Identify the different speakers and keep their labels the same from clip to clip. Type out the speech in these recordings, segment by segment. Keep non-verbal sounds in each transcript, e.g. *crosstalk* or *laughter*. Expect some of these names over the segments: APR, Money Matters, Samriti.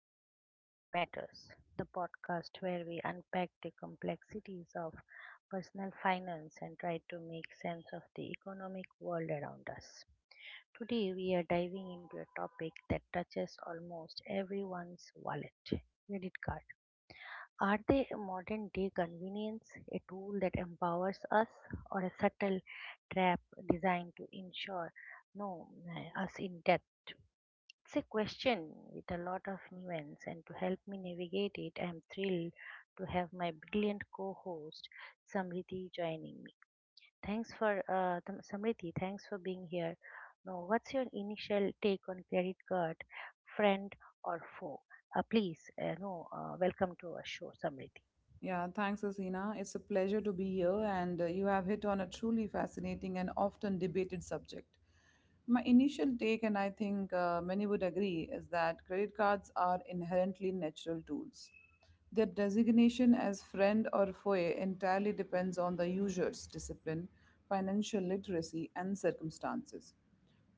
Speaker 1: to Money Matters, the podcast where we unpack the complexities of personal finance and try to make sense of the economic world around us. Today, we are diving into a topic that touches almost everyone's wallet credit card. Are they a modern day convenience, a tool that empowers us, or a subtle trap designed to ensure no us in debt it's a question with a lot of nuance, and to help me navigate it, I'm thrilled to have my brilliant co-host Samriti joining me. Thanks for Samriti. Thanks for being here. Now, what's your initial take on credit card, friend or foe? Please, no, Welcome to our show, Samriti.
Speaker 2: Yeah, thanks, Asina. It's a pleasure to be here, and you have hit on a truly fascinating and often debated subject. My initial take, and I think many would agree, is that credit cards are inherently natural tools. Their designation as friend or foe entirely depends on the user's discipline, financial literacy, and circumstances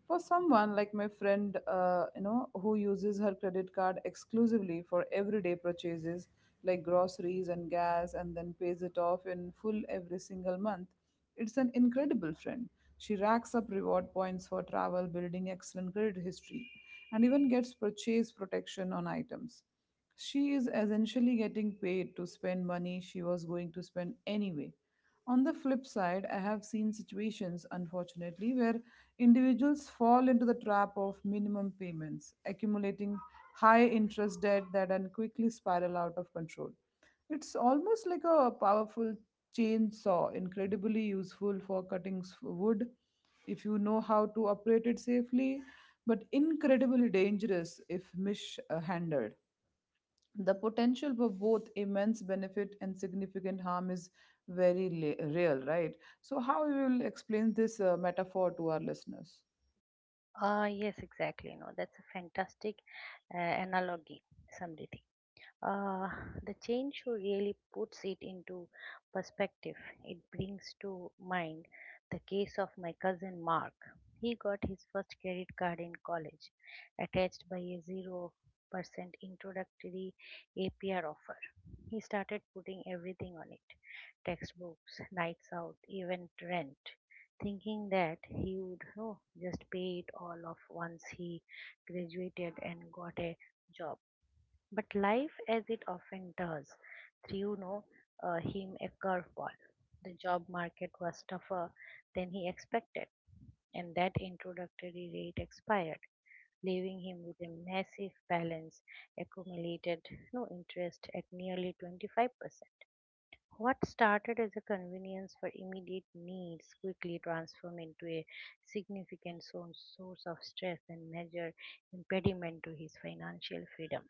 Speaker 2: for someone like my friend you know who uses her credit card exclusively for everyday purchases like groceries and gas, and then pays it off in full every single month. It's an incredible friend. She racks up reward points for travel, building excellent credit history, and even gets purchase protection on items. She is essentially getting paid to spend money she was going to spend anyway. On the flip side, I have seen situations, unfortunately, where individuals fall into the trap of minimum payments, accumulating high interest debt that then quickly spiral out of control. It's almost like a powerful chainsaw, incredibly useful for cutting wood if you know how to operate it safely, but incredibly dangerous if mishandled. The potential for both immense benefit and significant harm is very real, right? So, how you will explain this metaphor to our listeners?
Speaker 1: Ah, yes, exactly. No, that's a fantastic analogy, Samriti. uh, the chain show really puts it into perspective. It brings to mind the case of my cousin Mark. He got his first credit card in college, attached by a 0% introductory APR offer. He started putting everything on it textbooks, nights out, even rent, thinking that he would just pay it all off once he graduated and got a job. But life, as it often does, threw no, him a curveball. The job market was tougher than he expected, and that introductory rate expired, leaving him with a massive balance accumulated no interest at nearly 25%. What started as a convenience for immediate needs quickly transformed into a significant source of stress and major impediment to his financial freedom.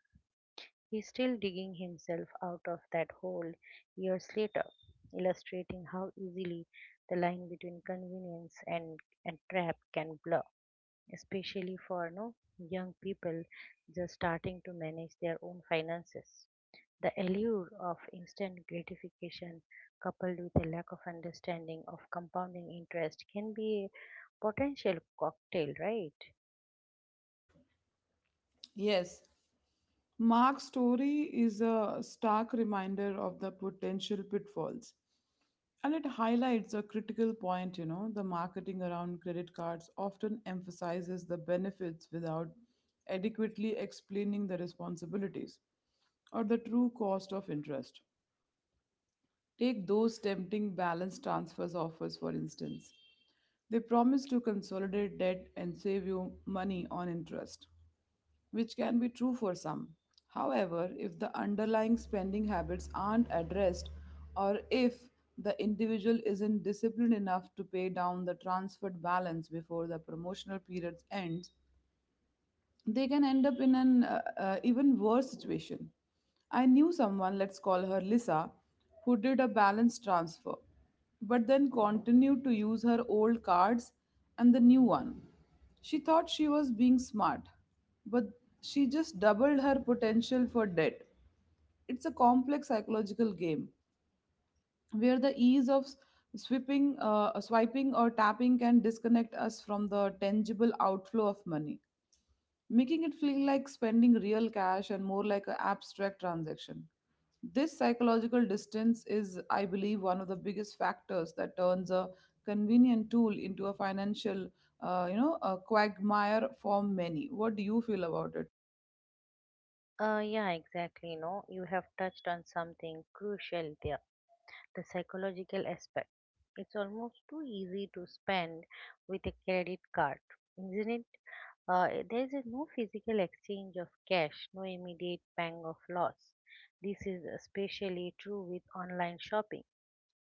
Speaker 1: He's still digging himself out of that hole years later, illustrating how easily the line between convenience and trap can blur, especially for no young people just starting to manage their own finances. The allure of instant gratification coupled with a lack of understanding of compounding interest can be a potential cocktail, right?
Speaker 2: Yes, Mark's story is a stark reminder of the potential pitfalls. And it highlights a critical point, you know, the marketing around credit cards often emphasizes the benefits without adequately explaining the responsibilities or the true cost of interest. Take those tempting balance transfers offers, for instance. They promise to consolidate debt and save you money on interest, which can be true for some. However, if the underlying spending habits aren't addressed, or if the individual isn't disciplined enough to pay down the transferred balance before the promotional period ends, they can end up in an even worse situation. I knew someone, let's call her Lisa, who did a balance transfer, but then continued to use her old cards and the new one. She thought she was being smart, but she just doubled her potential for debt. It's a complex psychological game where the ease of swiping or tapping can disconnect us from the tangible outflow of money, making it feel like spending real cash and more like an abstract transaction. This psychological distance is, I believe, one of the biggest factors that turns a convenient tool into a financial, a quagmire for many. What do you feel about it?
Speaker 1: Yeah, exactly. No, you have touched on something crucial there the psychological aspect. It's almost too easy to spend with a credit card, isn't it? There is a no physical exchange of cash, no immediate pang of loss. This is especially true with online shopping,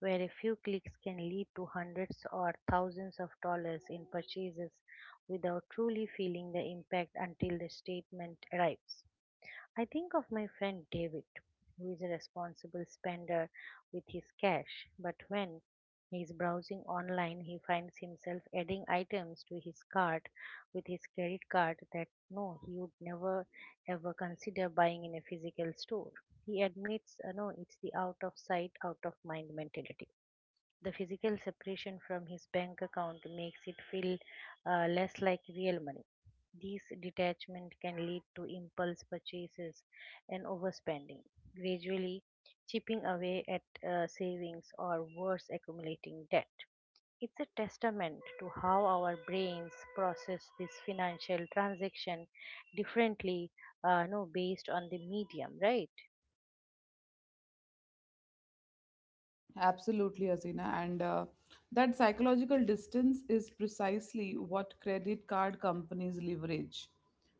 Speaker 1: where a few clicks can lead to hundreds or thousands of dollars in purchases without truly feeling the impact until the statement arrives. I think of my friend David, who is a responsible spender with his cash, but when he is browsing online, he finds himself adding items to his cart with his credit card that no, he would never ever consider buying in a physical store. He admits, no, it's the out of sight, out of mind mentality. The physical separation from his bank account makes it feel less like real money. This detachment can lead to impulse purchases and overspending, gradually chipping away at savings or worse, accumulating debt. It's a testament to how our brains process this financial transaction differently, no, based on the medium, right?
Speaker 2: Absolutely, Azina. And that psychological distance is precisely what credit card companies leverage.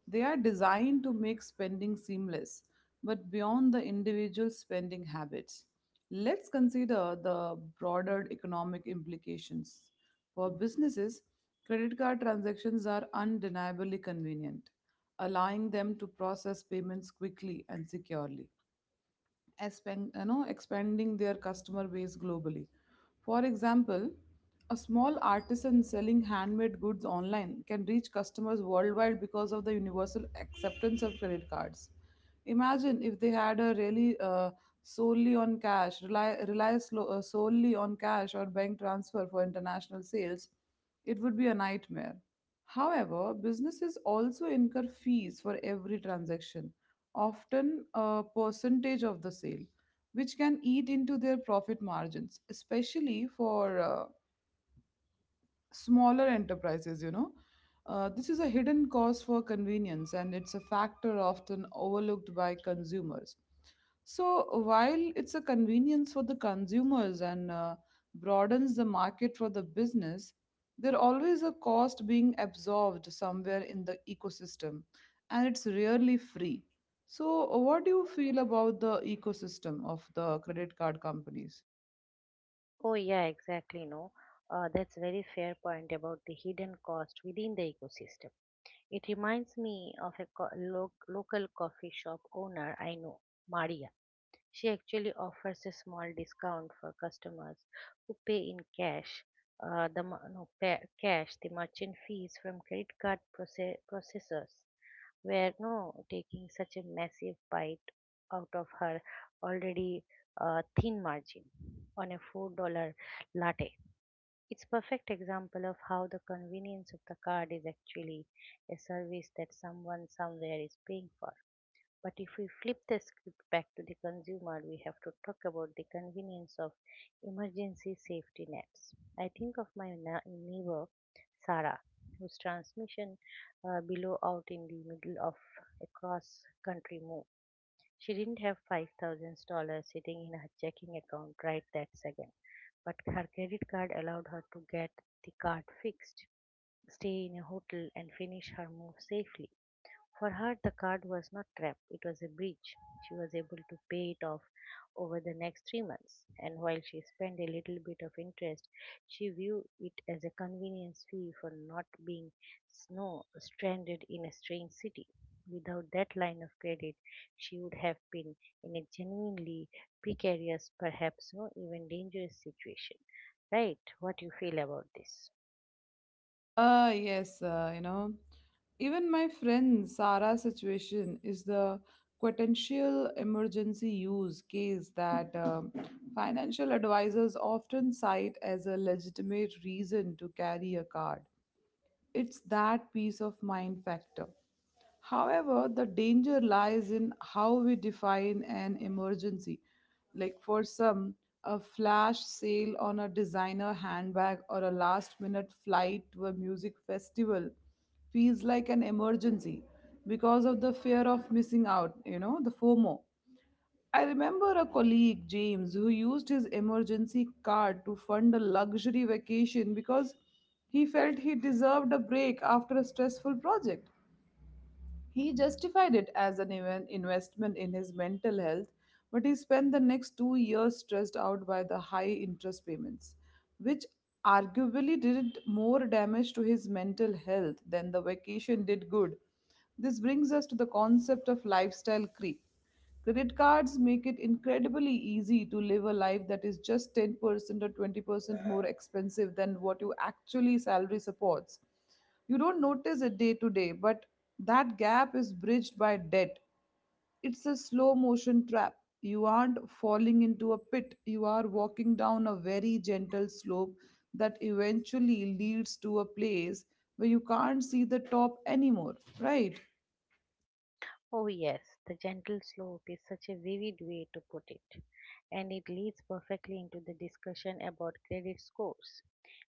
Speaker 2: They are designed to make spending seamless, but beyond the individual spending habits, let's consider the broader economic implications. For businesses, credit card transactions are undeniably convenient, allowing them to process payments quickly and securely, expanding their customer base globally. For example, a small artisan selling handmade goods online can reach customers worldwide because of the universal acceptance of credit cards. Imagine if they had a really solely on cash, rely, rely slow solely on cash or bank transfer for international sales, it would be a nightmare. However, businesses also incur fees for every transaction, often a percentage of the sale, which can eat into their profit margins, especially for smaller enterprises, you know. This is a hidden cost for convenience, and it's a factor often overlooked by consumers. So, while it's a convenience for the consumers and broadens the market for the business, there always a cost being absorbed somewhere in the ecosystem, and it's rarely free. So, what do you feel about the ecosystem of the credit card companies?
Speaker 1: Oh, yeah, exactly. No, that's very fair point about the hidden cost within the ecosystem. It reminds me of a local coffee shop owner I know, Maria. She actually offers a small discount for customers who pay in cash. The mer- no pa- cash The merchant fees from credit card processors were no taking such a massive bite out of her already thin margin on a $4 latte it's perfect example of how the convenience of the card is actually a service that someone somewhere is paying for. But if we flip the script back to the consumer, we have to talk about the convenience of emergency safety nets. I think of my neighbor Sarah, whose transmission below out in the middle of a cross country move she didn't have $5,000 sitting in her checking account right that second, but her credit card allowed her to get the card fixed, stay in a hotel, and finish her move safely. For her, the card was not trap; it was a bridge. She was able to pay it off over the next 3 months, and while she spent a little bit of interest, she viewed it as a convenience fee for not being snow stranded in a strange city. Without that line of credit, she would have been in a genuinely precarious, perhaps no even dangerous situation. Right? What you feel about this?
Speaker 2: Yes, you know, even my friend Sarah's situation is the potential emergency use case that financial advisors often cite as a legitimate reason to carry a card. It's that peace of mind factor. However, the danger lies in how we define an emergency. Like for some, a flash sale on a designer handbag or a last minute flight to a music festival feels like an emergency because of the fear of missing out, you know, the FOMO. I remember a colleague, James, who used his emergency card to fund a luxury vacation because he felt he deserved a break after a stressful project. He justified it as an even investment in his mental health, but he spent the next 2 years stressed out by the high interest payments, which arguably did more damage to his mental health than the vacation did good. This brings us to the concept of lifestyle creep. Credit cards make it incredibly easy to live a life that is just 10% or 20% more expensive than what your actually salary supports. You don't notice it day to day, but that gap is bridged by debt. It's a slow motion trap. You aren't falling into a pit, you are walking down a very gentle slope that eventually leads to a place where you can't see the top anymore, right?
Speaker 1: Oh, yes, the gentle slope is such a vivid way to put it, and it leads perfectly into the discussion about credit scores.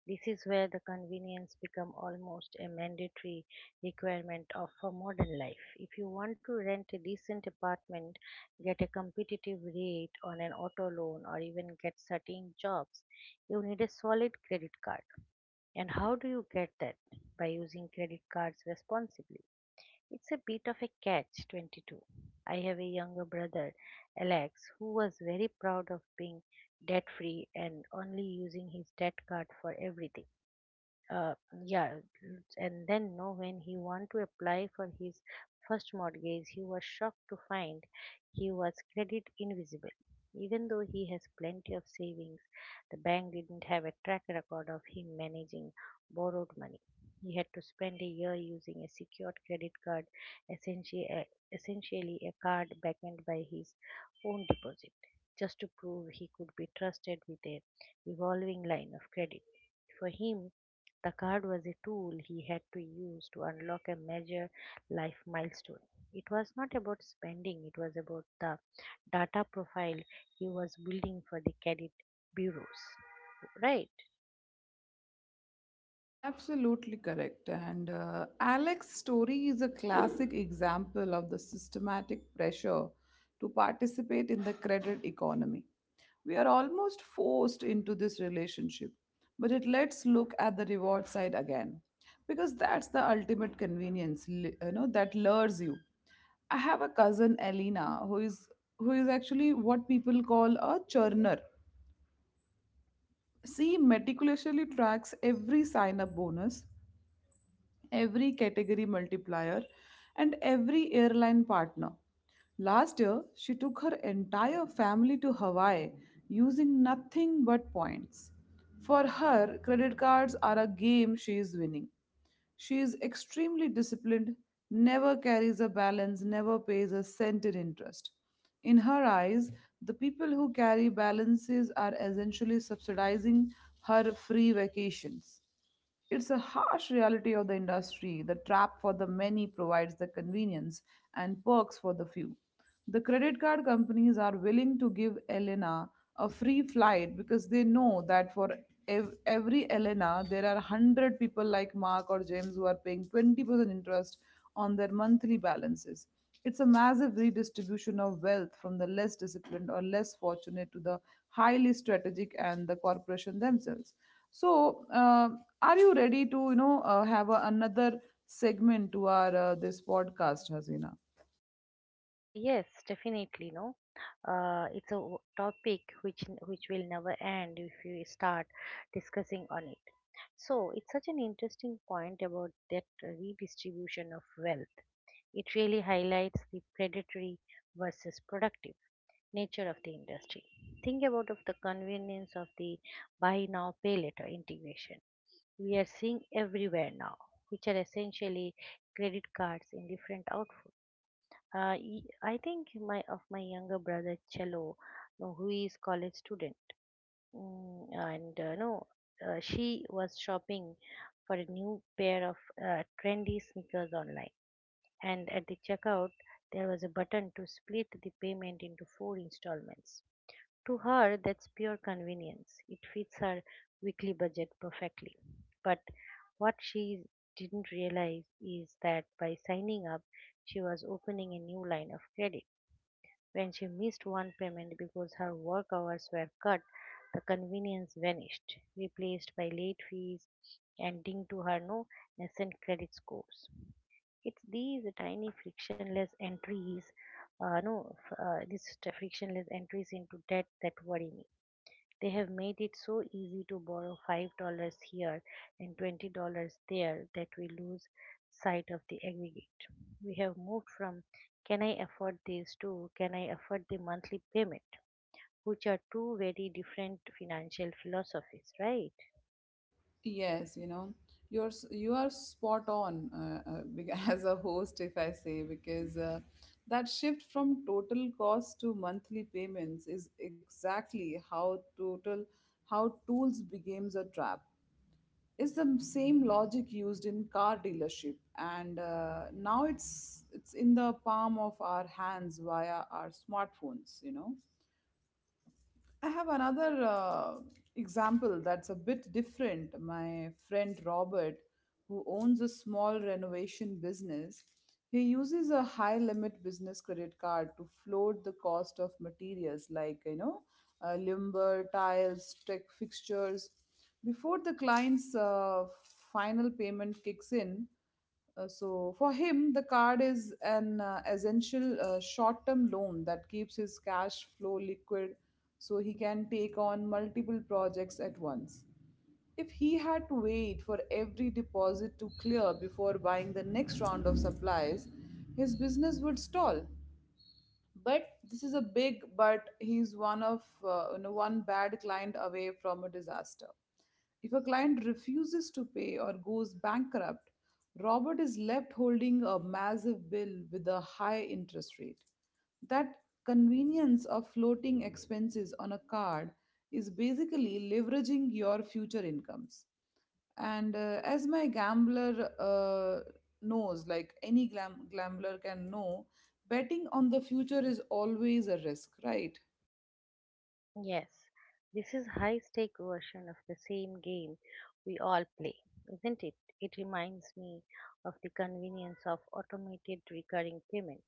Speaker 1: This is where the convenience become almost a mandatory requirement of a modern life. If you want to rent a decent apartment, get a competitive rate on an auto loan, or even get certain jobs, you need a solid credit card. And how do you get that? By using credit cards responsibly. It's a bit of a catch 22. I have a younger brother, Alex, who was very proud of being debt free and only using his debt card for everything uh, yeah and then no when he wanted to apply for his first mortgage he was shocked to find he was credit invisible even though he has plenty of savings the bank didn't have a track record of him managing borrowed money he had to spend a year using a secured credit card essentially a, essentially a card backed by his own deposit just to prove he could be trusted with a revolving line of credit for him the card was a tool he had to use to unlock a major life milestone. It was not about spending, it was about the data profile he was building for the credit bureaus, right?
Speaker 2: Absolutely correct. And Alex's story is a classic example of the systematic pressure to participate in the credit economy. We are almost forced into this relationship, but it let's look at the reward side again, because that's the ultimate convenience, you know, that lures you. I have a cousin Elena who is actually what people call a churner. She meticulously tracks every sign up bonus, every category multiplier, and every airline partner. Last year, she took her entire family to Hawaii using nothing but points. For her, credit cards are a game she is winning. She is extremely disciplined, never carries a balance, never pays a cent in interest. In her eyes, the people who carry balances are essentially subsidizing her free vacations. It's a harsh reality of the industry. The trap for the many provides the convenience and perks for the few. The credit card companies are willing to give Elena a free flight because they know that for every Elena, there are 100 people like Mark or James who are paying 20% interest on their monthly balances. It's a massive redistribution of wealth from the less disciplined or less fortunate to the highly strategic and the corporation themselves. So, are you ready to have another segment to our this podcast, Hasina?
Speaker 1: Yes, definitely, no. Topic which which will never end if you start discussing on it. So it's such an interesting point about that redistribution of wealth. It really highlights the predatory versus productive nature of the industry. Think about of the convenience of the buy now pay later integration we are seeing everywhere now, which are essentially credit cards in different outfits. I think my of my younger brother Cello, no, who is college student, mm, and no, she was shopping for a new pair of trendy sneakers online, and at the checkout there was a button to split the payment into 4 installments to her, that's pure convenience. It fits her weekly budget perfectly. But what she didn't realize is that by signing up, she was opening a new line of credit. When she missed one payment because her work hours were cut, the convenience vanished, replaced by late fees and ding to her no nascent credit scores. It's these tiny frictionless entries, no, f- these t- frictionless entries into debt that worry me they have made it so easy to borrow $5 here and $20 there that we lose sight of the aggregate. We have moved from can I afford this to can I afford the monthly payment, which are two very different financial philosophies, right?
Speaker 2: Yes, you know, you are spot on *laughs* as a host, if I say, because that shift from total cost to monthly payments is exactly how total how tools becomes a trap. Is the same logic used in car dealership and now it's in the palm of our hands via our smartphones, you know. I have another example that's a bit different. My friend Robert, who owns a small renovation business, he uses a high limit business credit card to float the cost of materials like, you know, lumber, tiles, tech fixtures. Before the client's final payment kicks in, so for him, the card is an essential short-term loan that keeps his cash flow liquid, so he can take on multiple projects at once. If he had to wait for every deposit to clear before buying the next round of supplies, his business would stall. But this is a big but, he's one of you know, one bad client away from a disaster. If a client refuses to pay or goes bankrupt, Robert is left holding a massive bill with a high interest rate. That convenience of floating expenses on a card is basically leveraging your future incomes. And as my gambler knows, like any gambler can know, betting on the future is always a risk, right?
Speaker 1: Yes, this is high stake version of the same game we all play, isn't it? It reminds me of the convenience of automated recurring payment.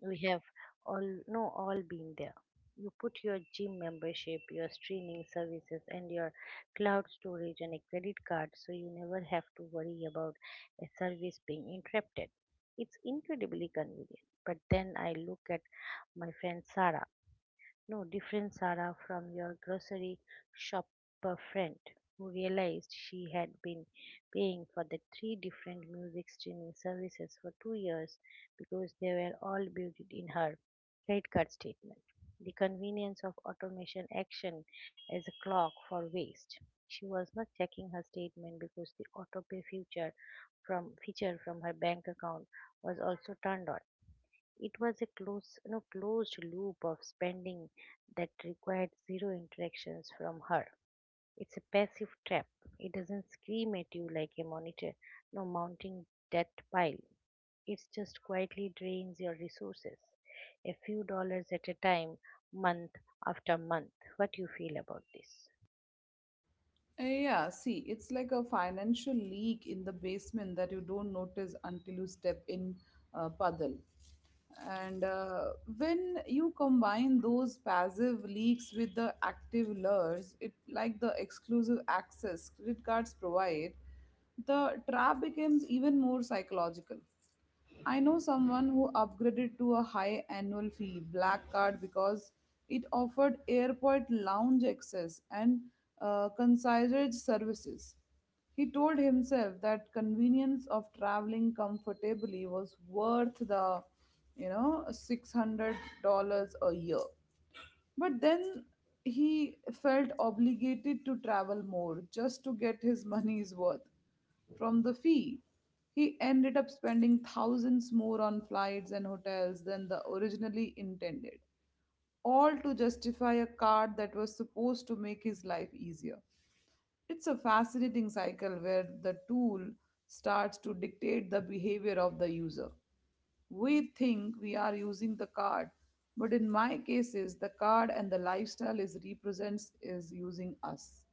Speaker 1: We have all no all been there. You put your gym membership, your streaming services, and your cloud storage on a credit card so you never have to worry about a service being interrupted. It's incredibly convenient. But then I look at my friend Sarah no different, Sarah, from your grocery shopper friend who realized she had been paying for the three different music streaming services for 2 years because they were all built in her credit card statement. The convenience of automation action as a clock for waste. She was not checking her statement because the autopay feature from her bank account was also turned on. It was a closed loop of spending that required 0 interactions from her. It's a passive trap. It doesn't scream at you like a monitor, no mounting debt pile. It just quietly drains your resources, a few dollars at a time, month after month. What you feel about this?
Speaker 2: Yeah, see, it's like a financial leak in the basement that you don't notice until you step in puddle. And when you combine those passive leaks with the active lures, it like the exclusive access credit cards provide, the trap becomes even more psychological. I know someone who upgraded to a high annual fee black card because it offered airport lounge access and concierge services. He told himself that convenience of traveling comfortably was worth the, you know, $600 a year. But then he felt obligated to travel more just to get his *laughs* money's worth from the fee. He ended up spending thousands more on flights and hotels than the originally intended, all to justify a card that was supposed to make his life easier. It's a fascinating cycle where the tool starts to dictate the behavior of the user. We think we are using the card, but in my cases, the card and the lifestyle is represents is using us.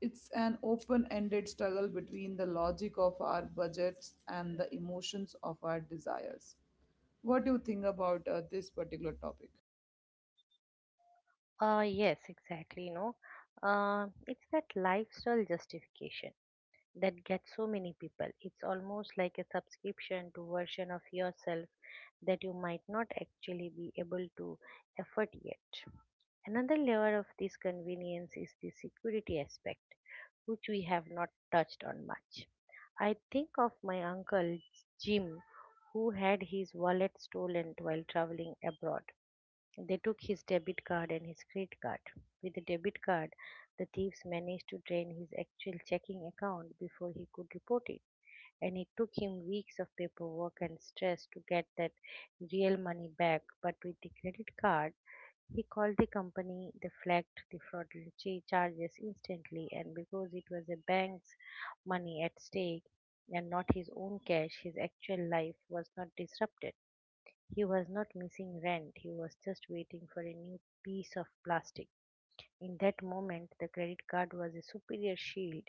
Speaker 2: It's an open-ended struggle between the logic of our budgets and the emotions of our desires. What do you think about this particular topic?
Speaker 1: Yes, exactly. No, It's that lifestyle justification. That gets so many people. It's almost like a subscription to version of yourself that you might not actually be able to afford yet. Another layer of this convenience is the security aspect, which we have not touched on much. I think of my uncle Jim, who had his wallet stolen while traveling abroad. They took his debit card and his credit card. With the debit card, the thieves managed to drain his actual checking account before he could report it, and it took him weeks of paperwork and stress to get that real money back. But with the credit card, he called the company, they flagged the charges instantly, and because it was a bank's money at stake and not his own cash, his actual life was not disrupted. He was not missing rent, he was just waiting for a new piece of plastic. In that moment, the credit card was a superior shield.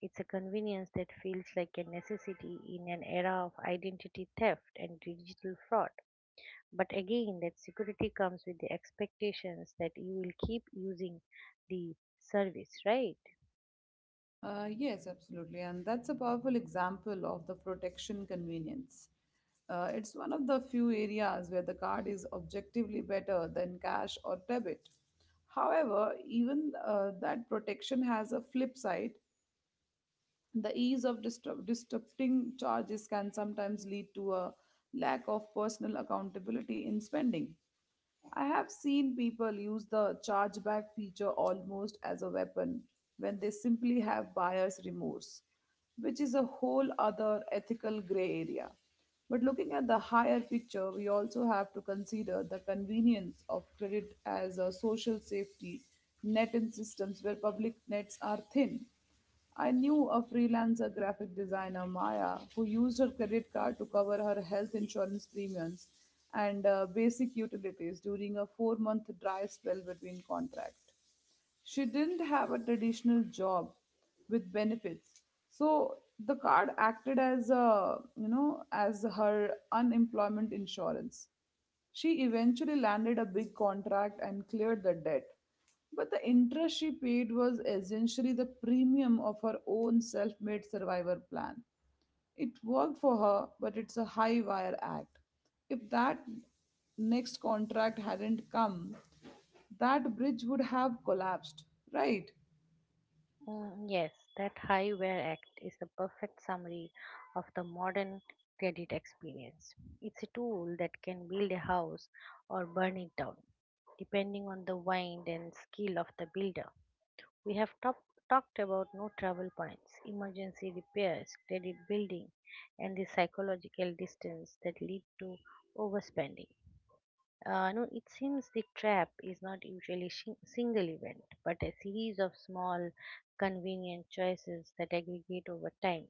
Speaker 1: It's a convenience that feels like a necessity in an era of identity theft and digital fraud. But again, that security comes with the expectations that you will keep using the service, right?
Speaker 2: Yes, absolutely. And that's a powerful example of the protection convenience. It's one of the few areas where the card is objectively better than cash or debit. However, even that protection has a flip side, the ease of disrupting charges can sometimes lead to a lack of personal accountability in spending. I have seen people use the chargeback feature almost as a weapon when they simply have buyer's remorse, which is a whole other ethical gray area. But looking at the higher picture, we also have to consider the convenience of credit as a social safety net in systems where public nets are thin. I knew a freelancer graphic designer, Maya, who used her credit card to cover her health insurance premiums and basic utilities during a 4 month dry spell between contracts. She didn't have a traditional job with benefits, so the card acted as, a you know as her unemployment insurance. She eventually landed a big contract and cleared the debt, but the interest she paid was essentially the premium of her own self-made survivor plan. It worked for her, but it's a high wire act. If that next contract hadn't come, that bridge would have collapsed, right?
Speaker 1: Mm, yes, that high wear act is a perfect summary of the modern credit experience. It's a tool that can build a house or burn it down, depending on the wind and skill of the builder. We have talked about no travel points, emergency repairs, credit building, and the psychological distance that lead to overspending. No, it seems the trap is not usually single event, but a series of small, convenient choices that aggregate over time.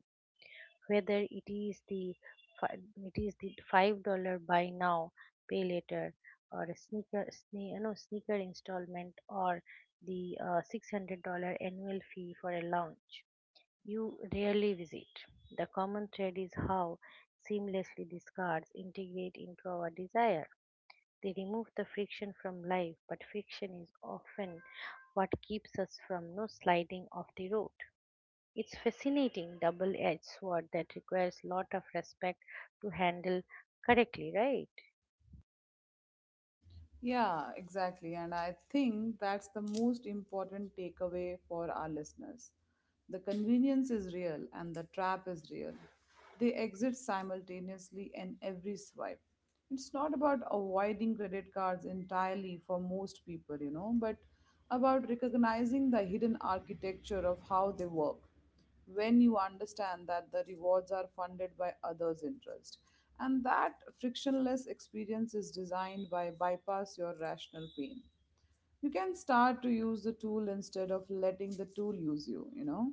Speaker 1: Whether it is the $5 buy now, pay later, or a sneaker sne- you know, sneaker installment, or the $600 annual fee for a lounge you rarely visit. The common thread is how seamlessly these cards integrate into our desire, they remove the friction from life, but friction is often what keeps us from no sliding off the road. It's fascinating double-edged sword that requires lot of respect to handle correctly, right?
Speaker 2: Yeah, exactly. And I think that's the most important takeaway for our listeners. The convenience is real and the trap is real. They exit simultaneously in every swipe. It's not about avoiding credit cards entirely for most people, you know, but about recognizing the hidden architecture of how they work. When you understand that the rewards are funded by others' interest, and that frictionless experience is designed by bypass your rational pain, you can start to use the tool instead of letting the tool use you, you know.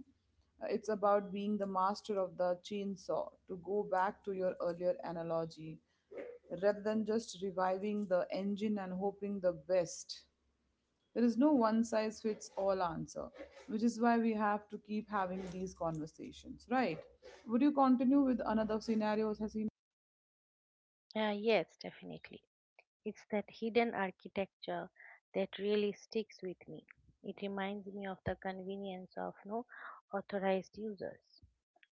Speaker 2: It's about being the master of the chainsaw, to go back to your earlier analogy, rather than just reviving the engine and hoping the best. There is no one size fits all answer, which is why we have to keep having these conversations, right? Would you continue with another scenario, Hasina?
Speaker 1: Yes, definitely. It's that hidden architecture that really sticks with me. It reminds me of the convenience of no authorized users.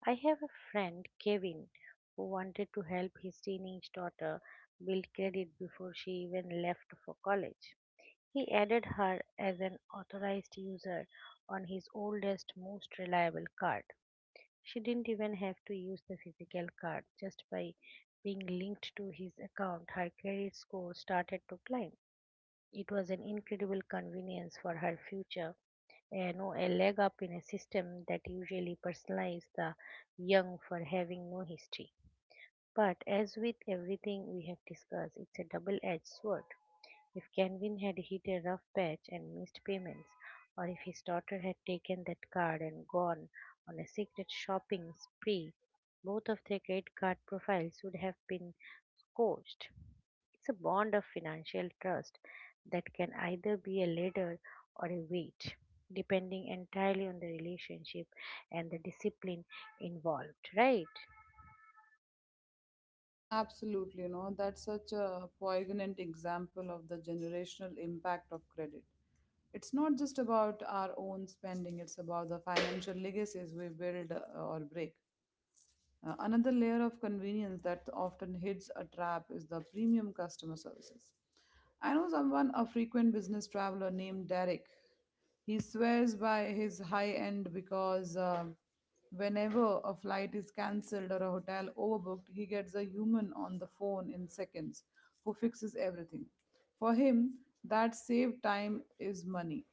Speaker 1: I have a friend, Kevin, who wanted to help his teenage daughter build credit before she even left for college. He added her as an authorized user on his oldest, most reliable card. She didn't even have to use the physical card. Just by being linked to his account, her credit score started to climb. It was an incredible convenience for her future, you know, a leg up in a system that usually personalizes the young for having no history. But as with everything we have discussed, it's a double edged sword. If Canvin had hit a rough patch and missed payments, or if his daughter had taken that card and gone on a secret shopping spree, both of their credit card profiles would have been scorched. It's a bond of financial trust that can either be a ladder or a weight, depending entirely on the relationship and the discipline involved, right?
Speaker 2: Absolutely, you know, that's such a poignant example of the generational impact of credit. It's not just about our own spending, it's about the financial legacies we build or break. Another layer of convenience that often hits a trap is the premium customer services. I know someone, a frequent business traveler named Derek. He swears by his high end because whenever a flight is cancelled or a hotel overbooked, he gets a human on the phone in seconds who fixes everything. For him, that saved time is money.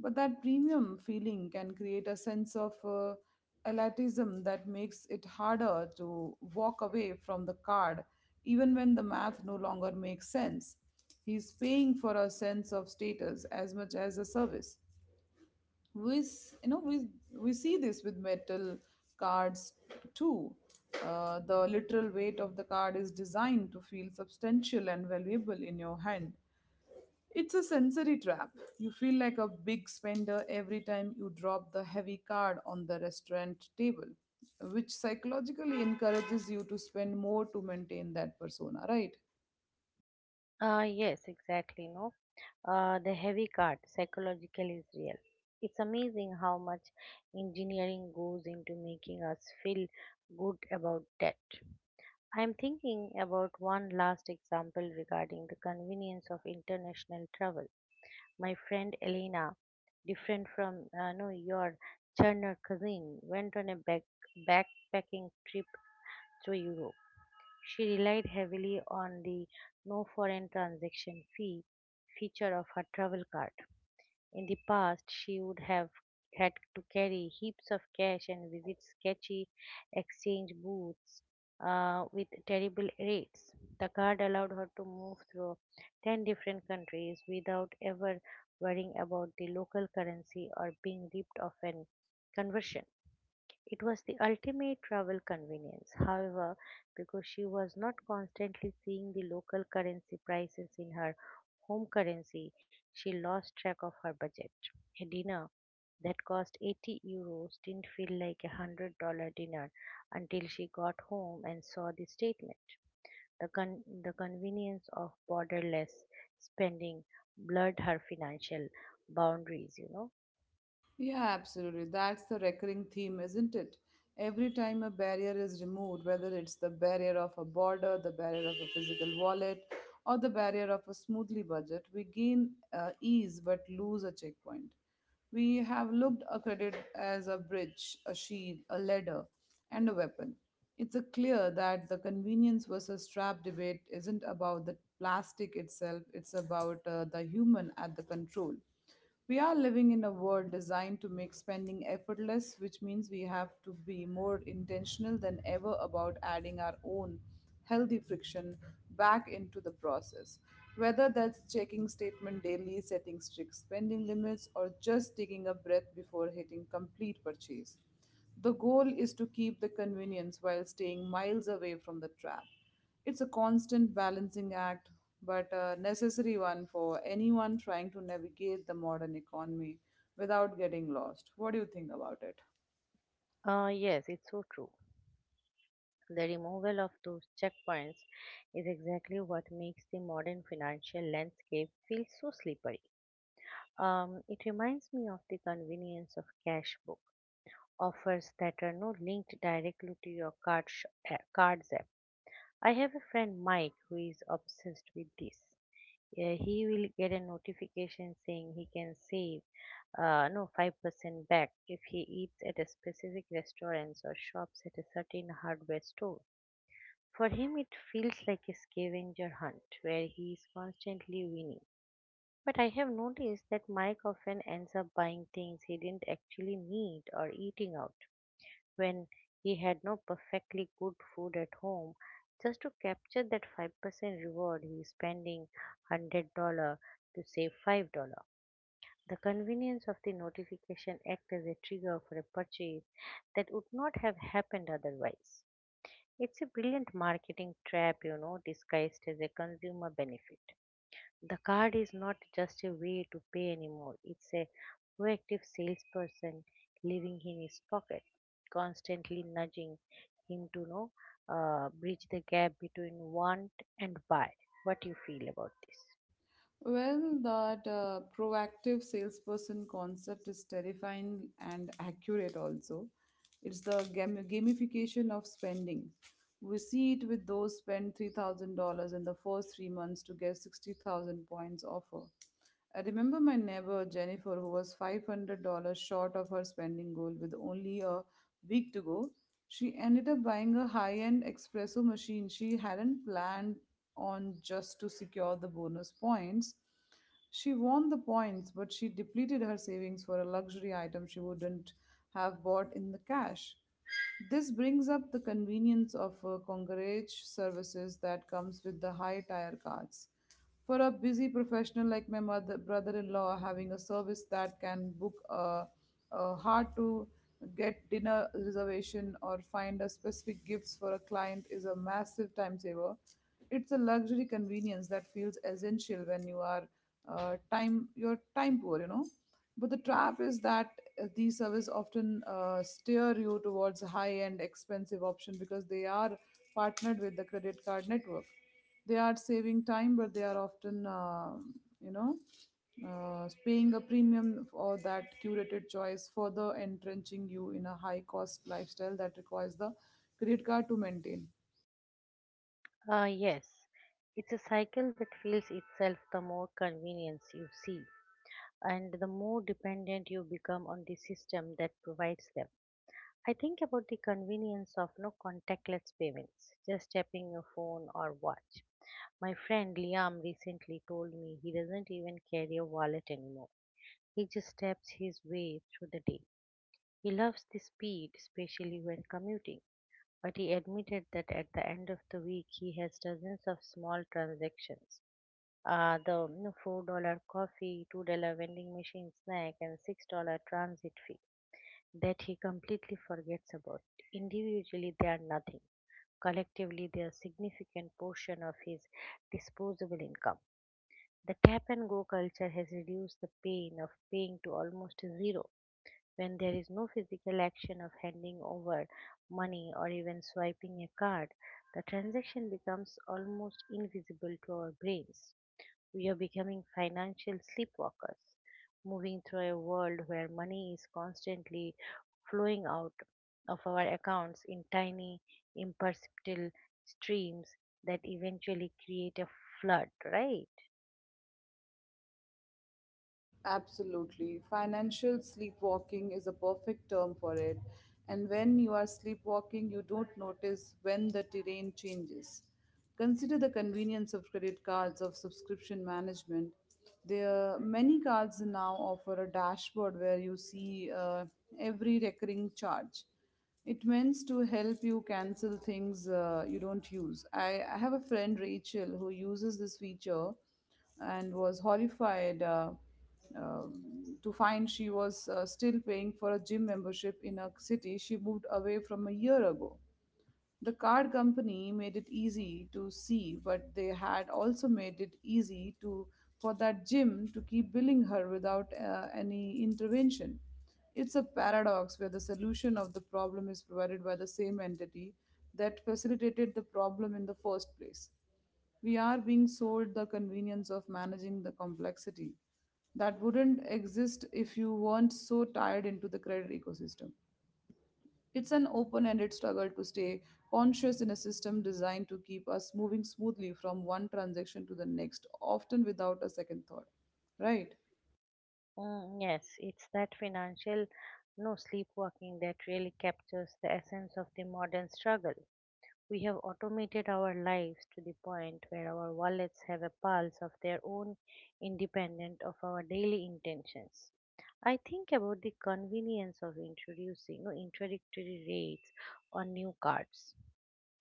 Speaker 2: But that premium feeling can create a sense of elitism that makes it harder to walk away from the card, even when the math no longer makes sense. He's paying for a sense of status as much as a service. We, s- you know, we see this with metal cards too. The literal weight of the card is designed to feel substantial and valuable in your hand. It's a sensory trap. You feel like a big spender every time you drop the heavy card on the restaurant table, which psychologically encourages you to spend more to maintain that persona, right?
Speaker 1: Yes, exactly. No, The heavy card psychological is real. It's amazing how much engineering goes into making us feel good about debt. I'm thinking about one last example regarding the convenience of international travel. My friend Elena, different from no, your charner cousin, went on a backpacking trip to Europe. She relied heavily on the no foreign transaction fee feature of her travel card. In the past, she would have had to carry heaps of cash and visit sketchy exchange booths with terrible rates. The card allowed her to move through 10 different countries without ever worrying about the local currency or being ripped off in conversion. It was the ultimate travel convenience. However, because she was not constantly seeing the local currency prices in her home currency, she lost track of her budget. A dinner that cost €80 didn't feel like $100 dinner until she got home and saw the statement. The convenience of borderless spending blurred her financial boundaries, you know.
Speaker 2: Yeah, absolutely. That's the recurring theme, isn't it? Every time a barrier is removed, whether it's the barrier of a border, the barrier of a physical wallet, or the barrier of a smoothly budget, we gain ease but lose a checkpoint. We have looked a credit as a bridge, a shield, a ladder, and a weapon. It's a clear that the convenience versus trap debate isn't about the plastic itself, it's about the human at the control. We are living in a world designed to make spending effortless, which means we have to be more intentional than ever about adding our own healthy friction back into the process. Whether that's checking statement daily, setting strict spending limits, or just taking a breath before hitting complete purchase. The goal is to keep the convenience while staying miles away from the trap. It's a constant balancing act, but a necessary one for anyone trying to navigate the modern economy without getting lost. What do you think about it?
Speaker 1: Yes, it's so true. The removal of those checkpoints is exactly what makes the modern financial landscape feel so slippery. It reminds me of the convenience of Cashbook, offers that are not linked directly to your cards app. I have a friend Mike who is obsessed with this. He will get a notification saying he can save no 5% back if he eats at a specific restaurants or shops at a certain hardware store. For him, it feels like a scavenger hunt where he is constantly winning. But I have noticed that Mike often ends up buying things he didn't actually need or eating out when he had no perfectly good food at home just to capture that 5% reward. He is spending $100 to save $5. The convenience of the notification acts as a trigger for a purchase that would not have happened otherwise. It's a brilliant marketing trap, you know, disguised as a consumer benefit. The card is not just a way to pay anymore, it's a proactive salesperson living in his pocket, constantly nudging him to bridge the gap between want and buy. What you feel about this?
Speaker 2: Well, that proactive salesperson concept is terrifying and accurate also. It's the gamification of spending. We see it with those spend $3,000 in the first 3 months to get 60,000 points offer. I remember my neighbor Jennifer, who was $500 short of her spending goal with only a week to go. She ended up buying a high end espresso machine she hadn't planned on just to secure the bonus points. She won the points, but she depleted her savings for a luxury item she wouldn't have bought in the cash. This brings up the convenience of concierge services that comes with the high tire cards. For a busy professional like my mother, brother-in-law, having a service that can book a hard-to-get dinner reservation or find a specific gifts for a client is a massive time saver. It's a luxury convenience that feels essential when you are time you're time poor, you know. But the trap is that these services often steer you towards a high end, expensive option because they are partnered with the credit card network. They are saving time, but they are often, you know, paying a premium for that curated choice, further entrenching you in a high cost lifestyle that requires the credit card to maintain.
Speaker 1: Yes, it's a cycle that feels itself, the more convenience you see and the more dependent you become on the system that provides them. I think about the convenience of no contactless payments, just tapping your phone or watch. My friend Liam recently told me he doesn't even carry a wallet anymore. He just taps his way through the day. He loves the speed, especially when commuting, but he admitted that at the end of the week he has dozens of small transactions. The $4 coffee, $2 vending machine snack, and $6 transit fee that he completely forgets about. Individually, they are nothing. Collectively, they are a significant portion of his disposable income. The tap and go culture has reduced the pain of paying to almost zero when there is no physical action of handing over money or even swiping a card. The transaction becomes almost invisible to our brains. We are becoming financial sleepwalkers, moving through a world where money is constantly flowing out of our accounts in tiny, imperceptible streams that eventually create a flood, right?
Speaker 2: Absolutely. Financial sleepwalking is a perfect term for it. And when you are sleepwalking, you don't notice when the terrain changes. Consider the convenience of credit cards of subscription management. There many cards now offer a dashboard where you see every recurring charge. It means to help you cancel things you don't use. I have a friend, Rachel, who uses this feature and was horrified. Um, to find she was still paying for a gym membership in a city she moved away from a year ago. The card company made it easy to see, but they had also made it easy to for that gym to keep billing her without any intervention. It's a paradox where the solution of the problem is provided by the same entity that facilitated the problem in the first place. We are being sold the convenience of managing the complexity that wouldn't exist if you weren't so tied into the credit ecosystem. It's an open ended struggle to stay conscious in a system designed to keep us moving smoothly from one transaction to the next, often without a second thought. Right?
Speaker 1: Mm, yes, it's that financial no sleepwalking that really captures the essence of the modern struggle. We have automated our lives to the point where our wallets have a pulse of their own, independent of our daily intentions. I think about the convenience of introducing no, introductory rates on new cards,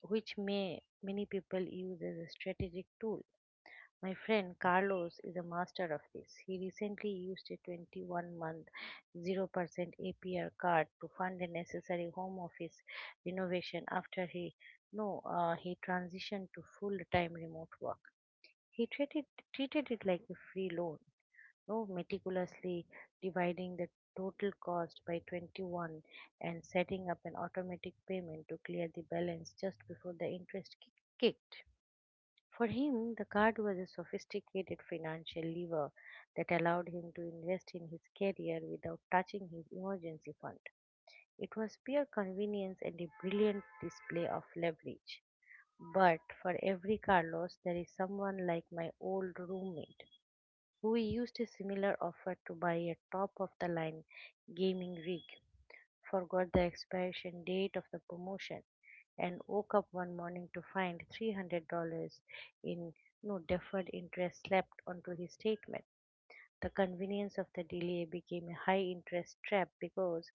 Speaker 1: which may many people use as a strategic tool. My friend Carlos is a master of this. He recently used a 21 month 0% APR card to fund a necessary home office renovation after he no he transitioned to full-time remote work. He treated it like a free loan, no meticulously dividing the total cost by 21 and setting up an automatic payment to clear the balance just before the interest kicked. For him, the card was a sophisticated financial lever that allowed him to invest in his career without touching his emergency fund. It was pure convenience and a brilliant display of leverage. But for every Carlos, there is someone like my old roommate who used a similar offer to buy a top of the line gaming rig, forgot the expiration date of the promotion, and woke up one morning to find $300 in no deferred interest slapped onto his statement. The convenience of the delay became a high interest trap because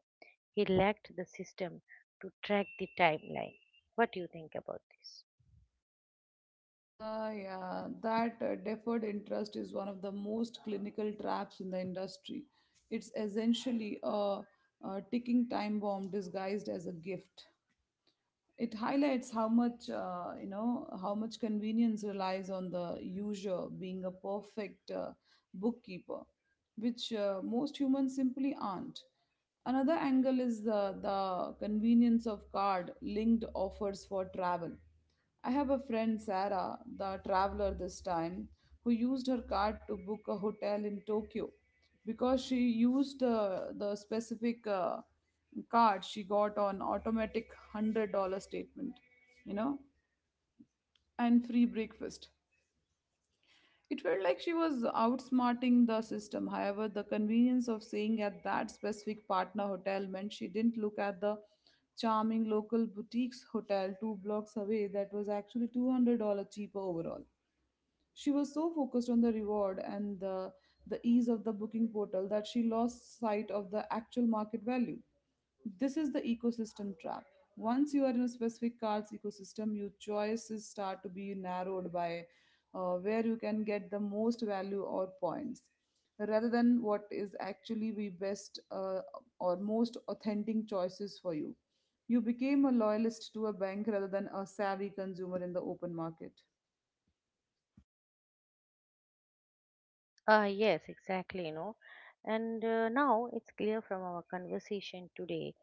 Speaker 1: he lacked the system to track the timeline. What do you think about this?
Speaker 2: Ah, yeah, that deferred interest is one of the most clinical traps in the industry. It's essentially a ticking time bomb disguised as a gift. It highlights how much how much convenience relies on the user being a perfect bookkeeper, which most humans simply aren't. Another angle is the convenience of card linked offers for travel. I have a friend, Sarah, the traveler this time, who used her card to book a hotel in Tokyo. Because she used the specific card, she got on automatic $100 statement, you know, and free breakfast. It felt like she was outsmarting the system. However, the convenience of staying at that specific partner hotel meant she didn't look at the charming local boutiques hotel two blocks away that was actually $200 cheaper overall. She was so focused on the reward and the ease of the booking portal that she lost sight of the actual market value. This is the ecosystem trap. Once you are in a specific card's ecosystem, your choices start to be narrowed by where you can get the most value or points rather than what is actually the best or most authentic choices for you. You became a loyalist to a bank rather than a savvy consumer in the open market.
Speaker 1: Yes, exactly, you know. And now it's clear from our conversation today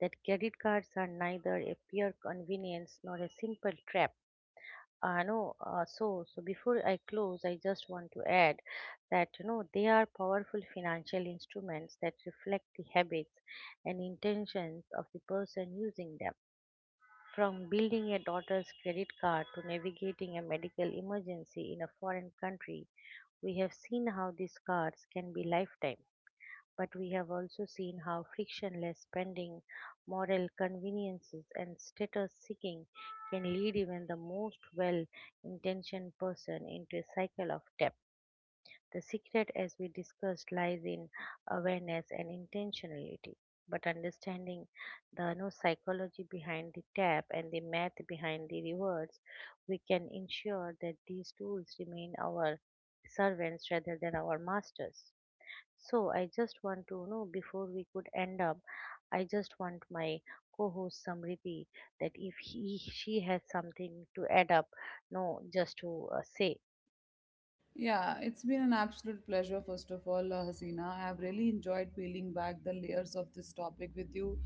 Speaker 1: that credit cards are neither a pure convenience nor a simple trap. No, so so before I close, I just want to add that you know they are powerful financial instruments that reflect the habits and intentions of the person using them. From building a daughter's credit card to navigating a medical emergency in a foreign country, we have seen how these cards can be lifetime, but we have also seen how frictionless spending, moral conveniences, and status seeking can lead even the most well intentioned person into a cycle of debt. The secret, as we discussed, lies in awareness and intentionality. But understanding the no psychology behind the tap and the math behind the rewards, we can ensure that these tools remain our servants rather than our masters. So I just want to know before we could end up, I just want my co-host Samriti that if he she has something to add up, no, just to say.
Speaker 2: Yeah, it's been an absolute pleasure, first of all, Hasina. I've really enjoyed peeling back the layers of this topic with you.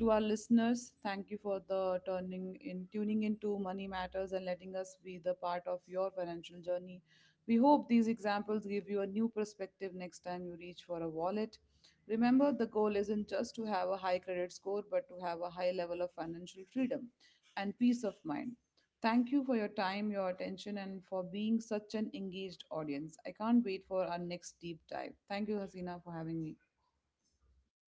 Speaker 2: To our listeners, thank you for the turning in tuning into money matters and letting us be the part of your financial journey. We hope these examples give you a new perspective next time you reach for a wallet. Remember, the goal isn't just to have a high credit score, but to have a high level of financial freedom and peace of mind. Thank you for your time, your attention, and for being such an engaged audience. I can't wait for our next deep dive. Thank you, Hasina, for having me.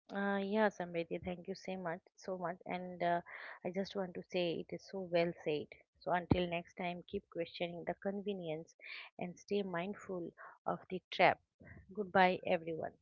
Speaker 1: Yeah, Samriti, thank you so much, so much, and I just want to say it is so well said. So until next time, keep questioning the convenience and stay mindful of the trap. Goodbye, everyone.